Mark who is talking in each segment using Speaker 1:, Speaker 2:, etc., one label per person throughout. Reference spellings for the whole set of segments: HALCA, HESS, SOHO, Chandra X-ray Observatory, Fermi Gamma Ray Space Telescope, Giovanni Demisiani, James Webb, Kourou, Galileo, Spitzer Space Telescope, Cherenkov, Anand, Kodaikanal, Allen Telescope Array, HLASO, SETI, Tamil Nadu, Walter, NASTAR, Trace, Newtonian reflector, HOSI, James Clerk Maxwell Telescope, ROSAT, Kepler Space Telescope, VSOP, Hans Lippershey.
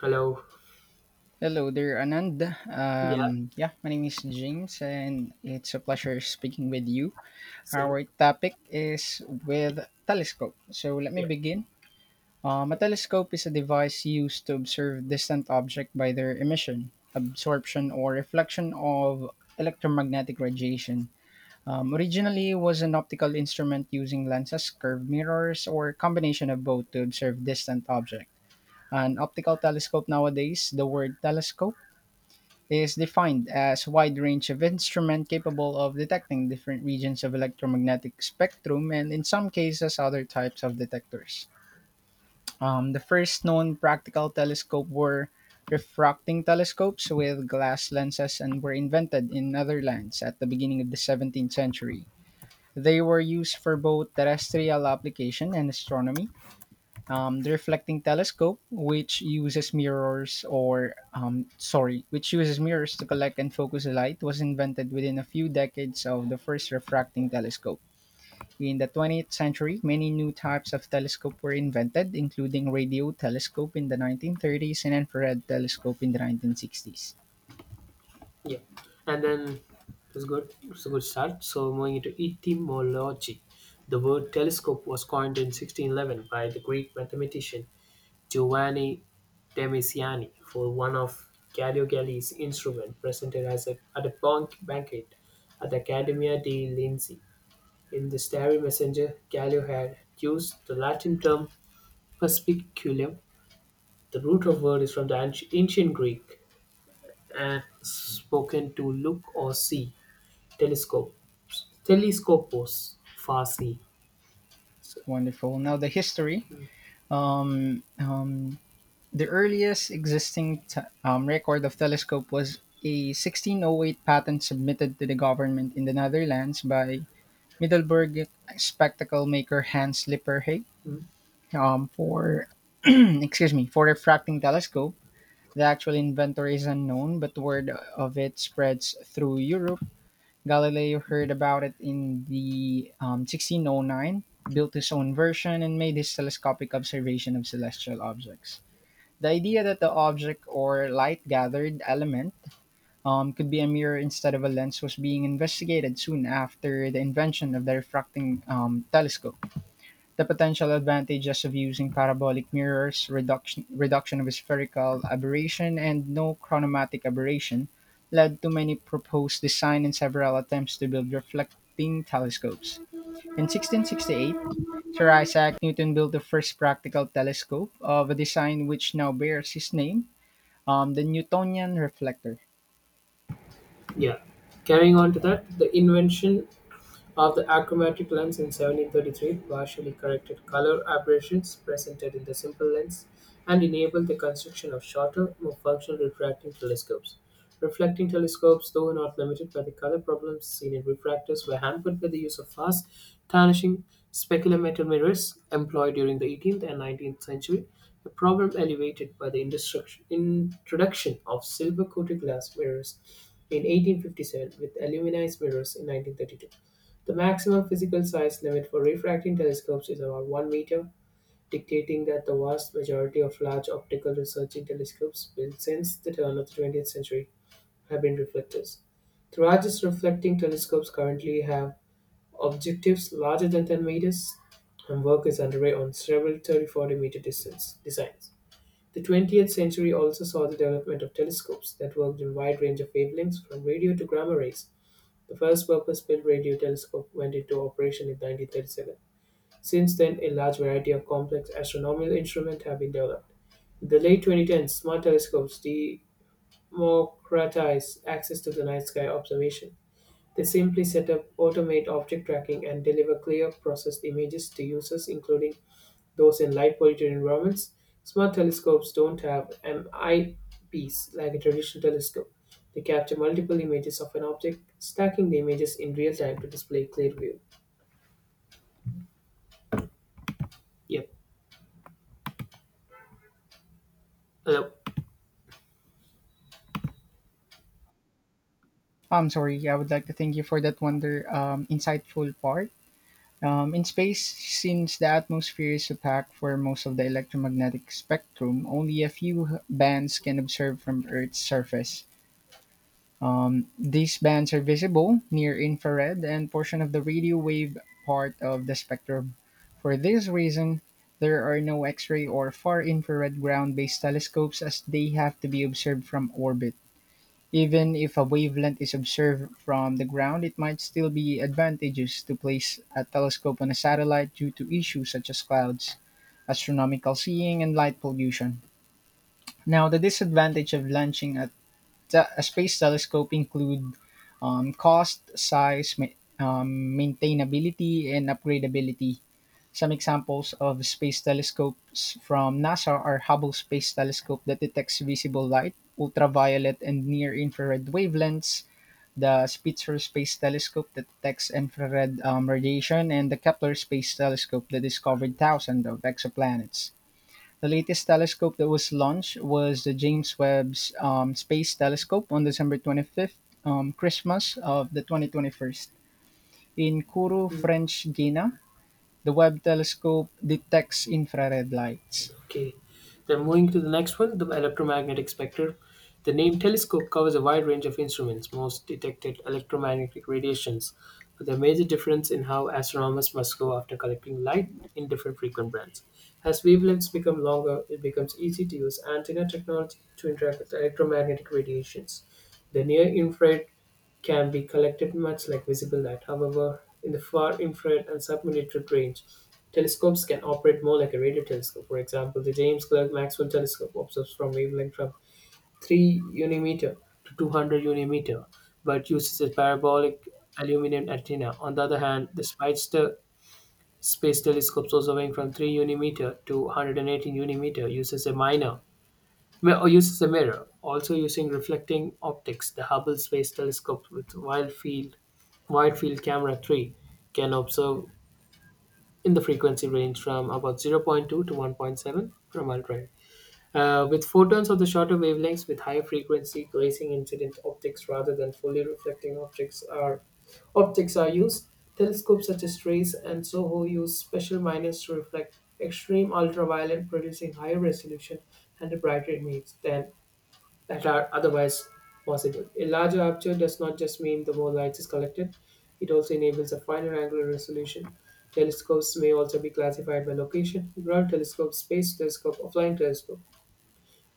Speaker 1: Hello.
Speaker 2: Hello there, Anand.
Speaker 1: Yeah,
Speaker 2: Yeah, my name is James, and it's a pleasure speaking with you. Our
Speaker 1: same.
Speaker 2: topic is with telescope. So let me
Speaker 1: Yeah,
Speaker 2: begin. A
Speaker 1: yeah,
Speaker 2: telescope is a device used to observe distant object by their emission, absorption, or reflection of electromagnetic radiation. Originally, was an optical instrument using lenses, curved mirrors, or a combination of both to observe distant object. An optical telescope nowadays, the word telescope is defined as wide range of instrument capable of detecting different regions of electromagnetic spectrum and in some cases other types of detectors. The first known practical telescope were refracting telescopes with glass lenses and were invented in Netherlands at the beginning of the 17th century. They were used for both terrestrial application and astronomy. The reflecting telescope, which uses mirrors which uses mirrors to collect and focus the light, was invented within a few decades of the first refracting telescope. In the 20th century, many new types of telescope were invented, including radio telescope in the 1930s and infrared telescope in the 1960s.
Speaker 1: yeah. And then it good. It's a good start. So moving into etymology, the word telescope was coined in 1611 by the Greek mathematician Giovanni Demisiani for one of Galileo Galilei's instruments presented as a, at a bank banquet at the Academia di Linzi. In the Starry Messenger, Galileo had used the Latin term perspiculum. The root of word is from the ancient Greek and spoken to look or see. Telescope. Telescopos, far see. So,
Speaker 2: Wonderful. Now the history. Um, um, The earliest existing record of telescope was a 1608 patent submitted to the government in the Netherlands by Middelburg spectacle maker Hans Lippershey,
Speaker 1: mm,
Speaker 2: for excuse me, for refracting telescope. The actual inventor is unknown, but word of it spreads through Europe. Galileo heard about it in the 1609, built his own version, and made his telescopic observation of celestial objects. The idea that the object or light gathered element could be a mirror instead of a lens was being investigated soon after the invention of the refracting telescope. The potential advantages of using parabolic mirrors, reduction of spherical aberration, and no chromatic aberration led to many proposed design and several attempts to build reflecting telescopes. In 1668, Sir Isaac Newton built the first practical telescope of a design which now bears his name, the Newtonian reflector.
Speaker 1: yeah. Carrying on to that, the invention of the achromatic lens in 1733 partially corrected color aberrations presented in the simple lens and enabled the construction of shorter, more functional refracting telescopes. Reflecting telescopes, though not limited by the color problems seen in refractors, were hampered by the use of fast, tarnishing speculometer mirrors employed during the 18th and 19th century, a problem elevated by the introduction of silver coated glass mirrors in 1857 with aluminized mirrors in 1932. The maximum physical size limit for refracting telescopes is about 1 meter, dictating that the vast majority of large optical searching telescopes built since the turn of the 20th century have been reflectors. The largest reflecting telescopes currently have objectives larger than 10 meters, and work is underway on several 30 40-meter distance designs. The 20th century also saw the development of telescopes that worked in wide range of wavelengths from radio to gamma rays. The first purpose-built radio telescope went into operation in 1937. Since then, a large variety of complex astronomical instruments have been developed. In the late 2010s, smart telescopes democratized access to the night sky observation. They simply set up, automate object tracking, and deliver clear, processed images to users, including those in light polluted environments. Smart telescopes don't have an eyepiece like a traditional telescope. They capture multiple images of an object, stacking the images in real time to display clear view. Yep. Uh,
Speaker 2: I'm sorry, I would like to thank you for that wonder insightful part. In space, since the atmosphere is opaque for most of the electromagnetic spectrum, only a few bands can observe from Earth's surface. These bands are visible, near infrared, and portion of the radio wave part of the spectrum. For this reason, there are no X ray or far infrared ground based telescopes as they have to be observed from orbit. Even if a wavelength is observed from the ground, it might still be advantageous to place a telescope on a satellite due to issues such as clouds, astronomical seeing, and light pollution. Now, the disadvantage of launching a space telescope include cost, size, maintainability, and upgradability. Some examples of space telescopes from NASA are Hubble Space Telescope that detects visible light, ultraviolet, and near infrared wavelengths, the Spitzer Space Telescope that detects infrared radiation, and the Kepler Space Telescope that discovered thousands of exoplanets. The latest telescope that was launched was the James Webb's Space Telescope on December 25th, Christmas of the 2021. In Kourou, French Guiana, the Webb telescope detects infrared lights.
Speaker 1: Okay. Then moving to the next one, the electromagnetic spectrum. The name telescope covers a wide range of instruments, most detected electromagnetic radiations, with a major difference in how astronomers must go after collecting light in different frequent bands. As wavelengths become longer, it becomes easy to use antenna technology to interact with electromagnetic radiations. The near infrared can be collected much like visible light. However, in the far infrared and submillimeter range, telescopes can operate more like a radio telescope. For example, the James Clerk Maxwell Telescope observes from wavelength from 3 unimeter to 200 unimeter, but uses a parabolic aluminum antenna. On the other hand, the Speidster Space Telescope, also weighing from 3 unimeter to 118 unimeter, uses a minor or uses a mirror. Also using reflecting optics, the Hubble Space Telescope with wide field camera 3 can observe in the frequency range from about zero point 0.2 to 1.7 from ultraviolet. With photons of the shorter wavelengths with higher frequency, glazing incident optics rather than fully reflecting optics are used. Telescopes such as Trace and SOHO use special miners to reflect extreme ultraviolet, producing higher resolution and a brighter image than that are otherwise possible. A larger aperture does not just mean the more light is collected, it also enables a finer angular resolution. Telescopes may also be classified by location ground telescope, space telescope, or flying telescope.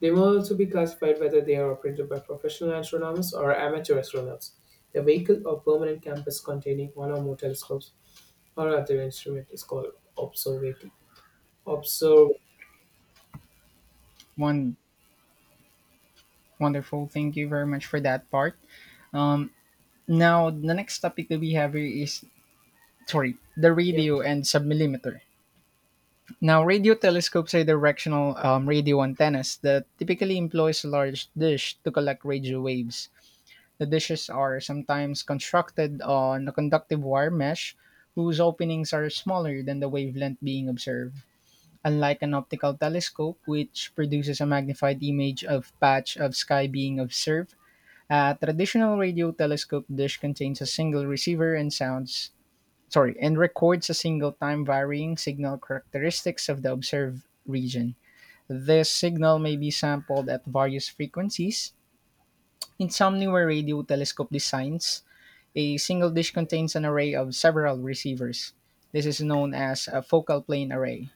Speaker 1: They may also be classified whether they are operated by professional astronomers or amateur astronauts. A vehicle or permanent campus containing one or more telescopes or other instrument is called observati. Observ.
Speaker 2: One wonderful. Thank you very much for that part. Um, Now the next topic that we have here is, sorry, the
Speaker 1: Yeah.
Speaker 2: radio and submillimeter. Now, radio telescopes are directional radio antennas that typically employs a large dish to collect radio waves. The dishes are sometimes constructed on a conductive wire mesh whose openings are smaller than the wavelength being observed. Unlike an optical telescope, which produces a magnified image of patch of sky being observed, a traditional radio telescope dish contains a single receiver and and records a single time varying signal characteristics of the observed region. This signal may be sampled at various frequencies. In some newer radio telescope designs, a single dish contains an array of several receivers. This is known as a focal plane array.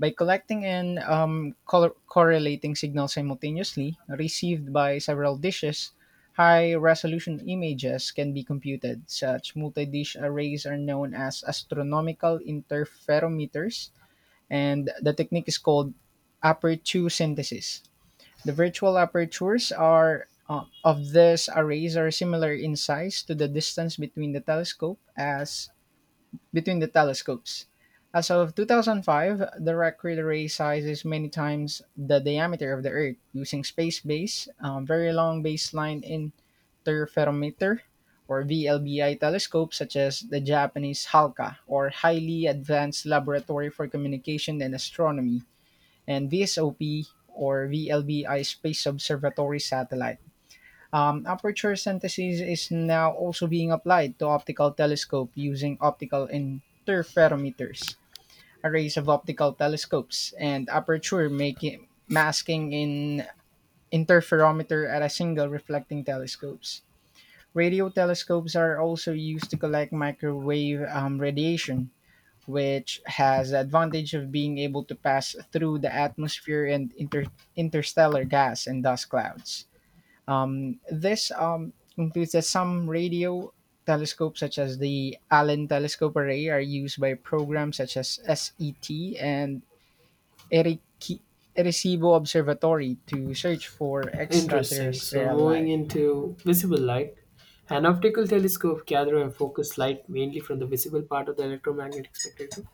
Speaker 2: By collecting and correlating signals simultaneously received by several dishes, high resolution images can be computed. Such multi dish arrays are known as astronomical interferometers, and the technique is called aperture synthesis. The virtual apertures are of these arrays are similar in size to the distance between the telescope as between the telescopes. As of 2005, the record array size is many times the diameter of the Earth using space based, very long baseline interferometer or VLBI telescopes such as the Japanese HALCA, or Highly Advanced Laboratory for Communication and Astronomy, and VSOP, or VLBI Space Observatory Satellite. Aperture synthesis is now also being applied to optical telescope using optical interferometers, arrays of optical telescopes, and aperture making masking in interferometer at a single reflecting telescopes. Radio telescopes are also used to collect microwave radiation, which has the advantage of being able to pass through the atmosphere and interstellar gas and dust clouds. This includes that some radio telescopes, such as the Allen Telescope Array, are used by programs such as SET and Eriki- Arecibo Observatory to search for
Speaker 1: Interesting. So,
Speaker 2: extraterrestrial
Speaker 1: moving
Speaker 2: life.
Speaker 1: into visible light, an optical telescope gather and focus light mainly from the visible part of the electromagnetic spectrum.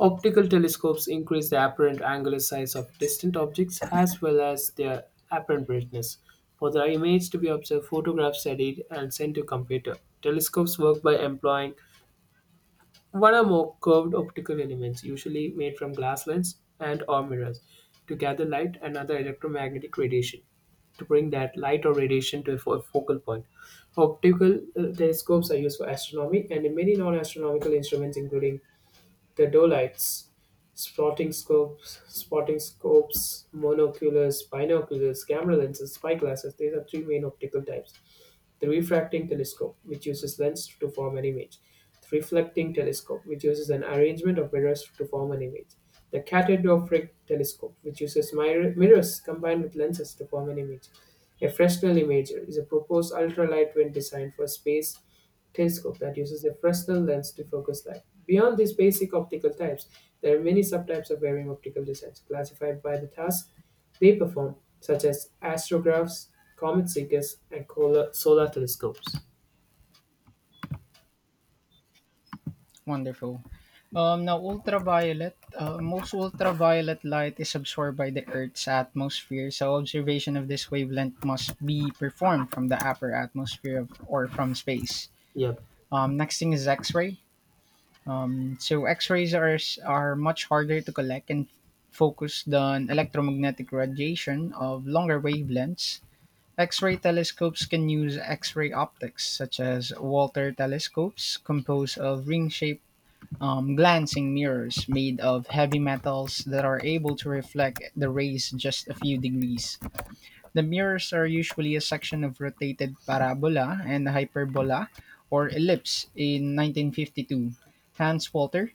Speaker 1: Optical telescopes increase the apparent angular size of distant objects as well as their apparent brightness. For the image to be observed, photographs are read and sent to computer. Telescopes work by employing what are more curved optical elements, usually made from glass lens and or mirrors, to gather light and other electromagnetic radiation, to bring that light or radiation to a focal point. Optical telescopes are used for astronomy and in many non-astronomical instruments, including the dolites, spotting scopes, monoculars, binoculars, camera lenses, spyglasses. These are three main optical types. The refracting telescope, which uses lens to form an image. The reflecting telescope, which uses an arrangement of mirrors to form an image. The catadioptric telescope, which uses mirrors combined with lenses to form an image. A Fresnel imager is a proposed ultralight wind designed for space telescope that uses a Fresnel lens to focus light. Beyond these basic optical types, there are many subtypes of varying optical designs classified by the task they perform, such as astrographs, comet seekers, and solar telescopes.
Speaker 2: Wonderful. Now, ultraviolet. Most ultraviolet light is absorbed by the Earth's atmosphere, so observation of this wavelength must be performed from the upper atmosphere of, or from space.
Speaker 1: Yep.
Speaker 2: Next thing is X-ray. So X-rays are much harder to collect and focus than electromagnetic radiation of longer wavelengths. X-ray telescopes can use X-ray optics, such as Walter telescopes, composed of ring-shaped glancing mirrors made of heavy metals that are able to reflect the rays just a few degrees. The mirrors are usually a section of rotated parabola and hyperbola or ellipse. In 1952, Hans Walter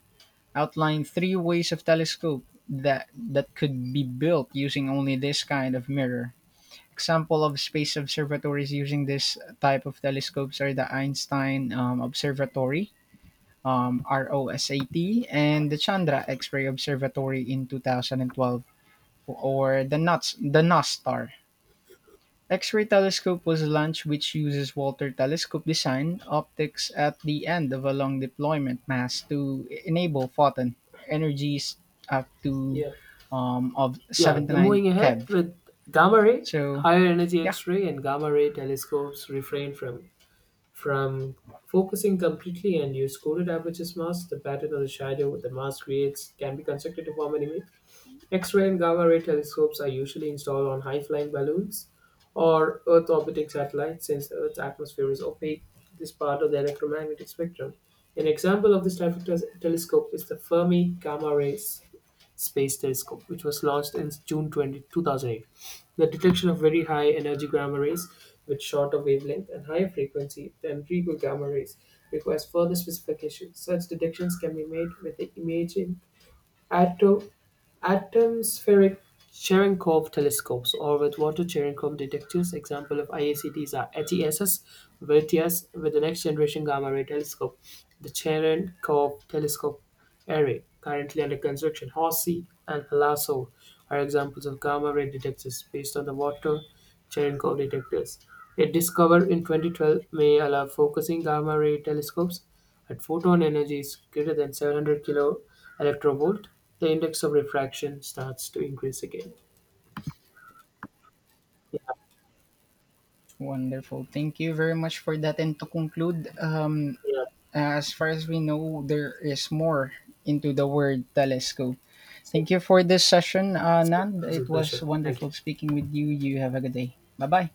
Speaker 2: outlined three ways of telescope that could be built using only this kind of mirror. Example of space observatories using this type of telescopes are the Einstein Observatory, ROSAT, and the Chandra X-ray Observatory. In 2012, or the NUTS, the NASTAR X-ray telescope was launched, which uses Walter telescope design optics at the end of a long deployment mast to enable photon energies up to
Speaker 1: Yeah.
Speaker 2: of
Speaker 1: Yeah, then
Speaker 2: 79
Speaker 1: moving ahead
Speaker 2: keV.
Speaker 1: with gamma ray,
Speaker 2: So
Speaker 1: higher energy
Speaker 2: yeah,
Speaker 1: X-ray and gamma ray telescopes refrain from focusing completely and use coded aperture masks. The pattern of the shadow the mask creates can be constructed to form an image. X-ray and gamma-ray telescopes are usually installed on high-flying balloons or Earth-orbiting satellites since Earth's atmosphere is opaque to this part of the electromagnetic spectrum. An example of this type of telescope is the Fermi Gamma Ray Space Telescope, which was launched in June 20, 2008. The detection of very high energy gamma rays with shorter wavelength and higher frequency than regular gamma rays requires further specification. Such detections can be made with the imaging Atmospheric Cherenkov telescopes or with water Cherenkov detectors. Example of IACTs are HESS, VERTIAS with the next generation gamma ray telescope, the Cherenkov telescope array currently under construction. HOSI and HLASO are examples of gamma ray detectors based on the water Cherenkov detectors. It discovered in 2012 may allow focusing gamma ray telescopes at photon energies greater than 700 kilo electrovolt, the index of refraction starts to increase again. Yeah,
Speaker 2: wonderful. Thank you very much for that. And to conclude,
Speaker 1: yeah,
Speaker 2: as far as we know, there is more into the word telescope.
Speaker 1: same
Speaker 2: Thank you
Speaker 1: with
Speaker 2: for this session,
Speaker 1: same
Speaker 2: Nand.
Speaker 1: It's a
Speaker 2: It was
Speaker 1: pleasure. Thank you.
Speaker 2: wonderful speaking with you. You have a good day. Bye bye.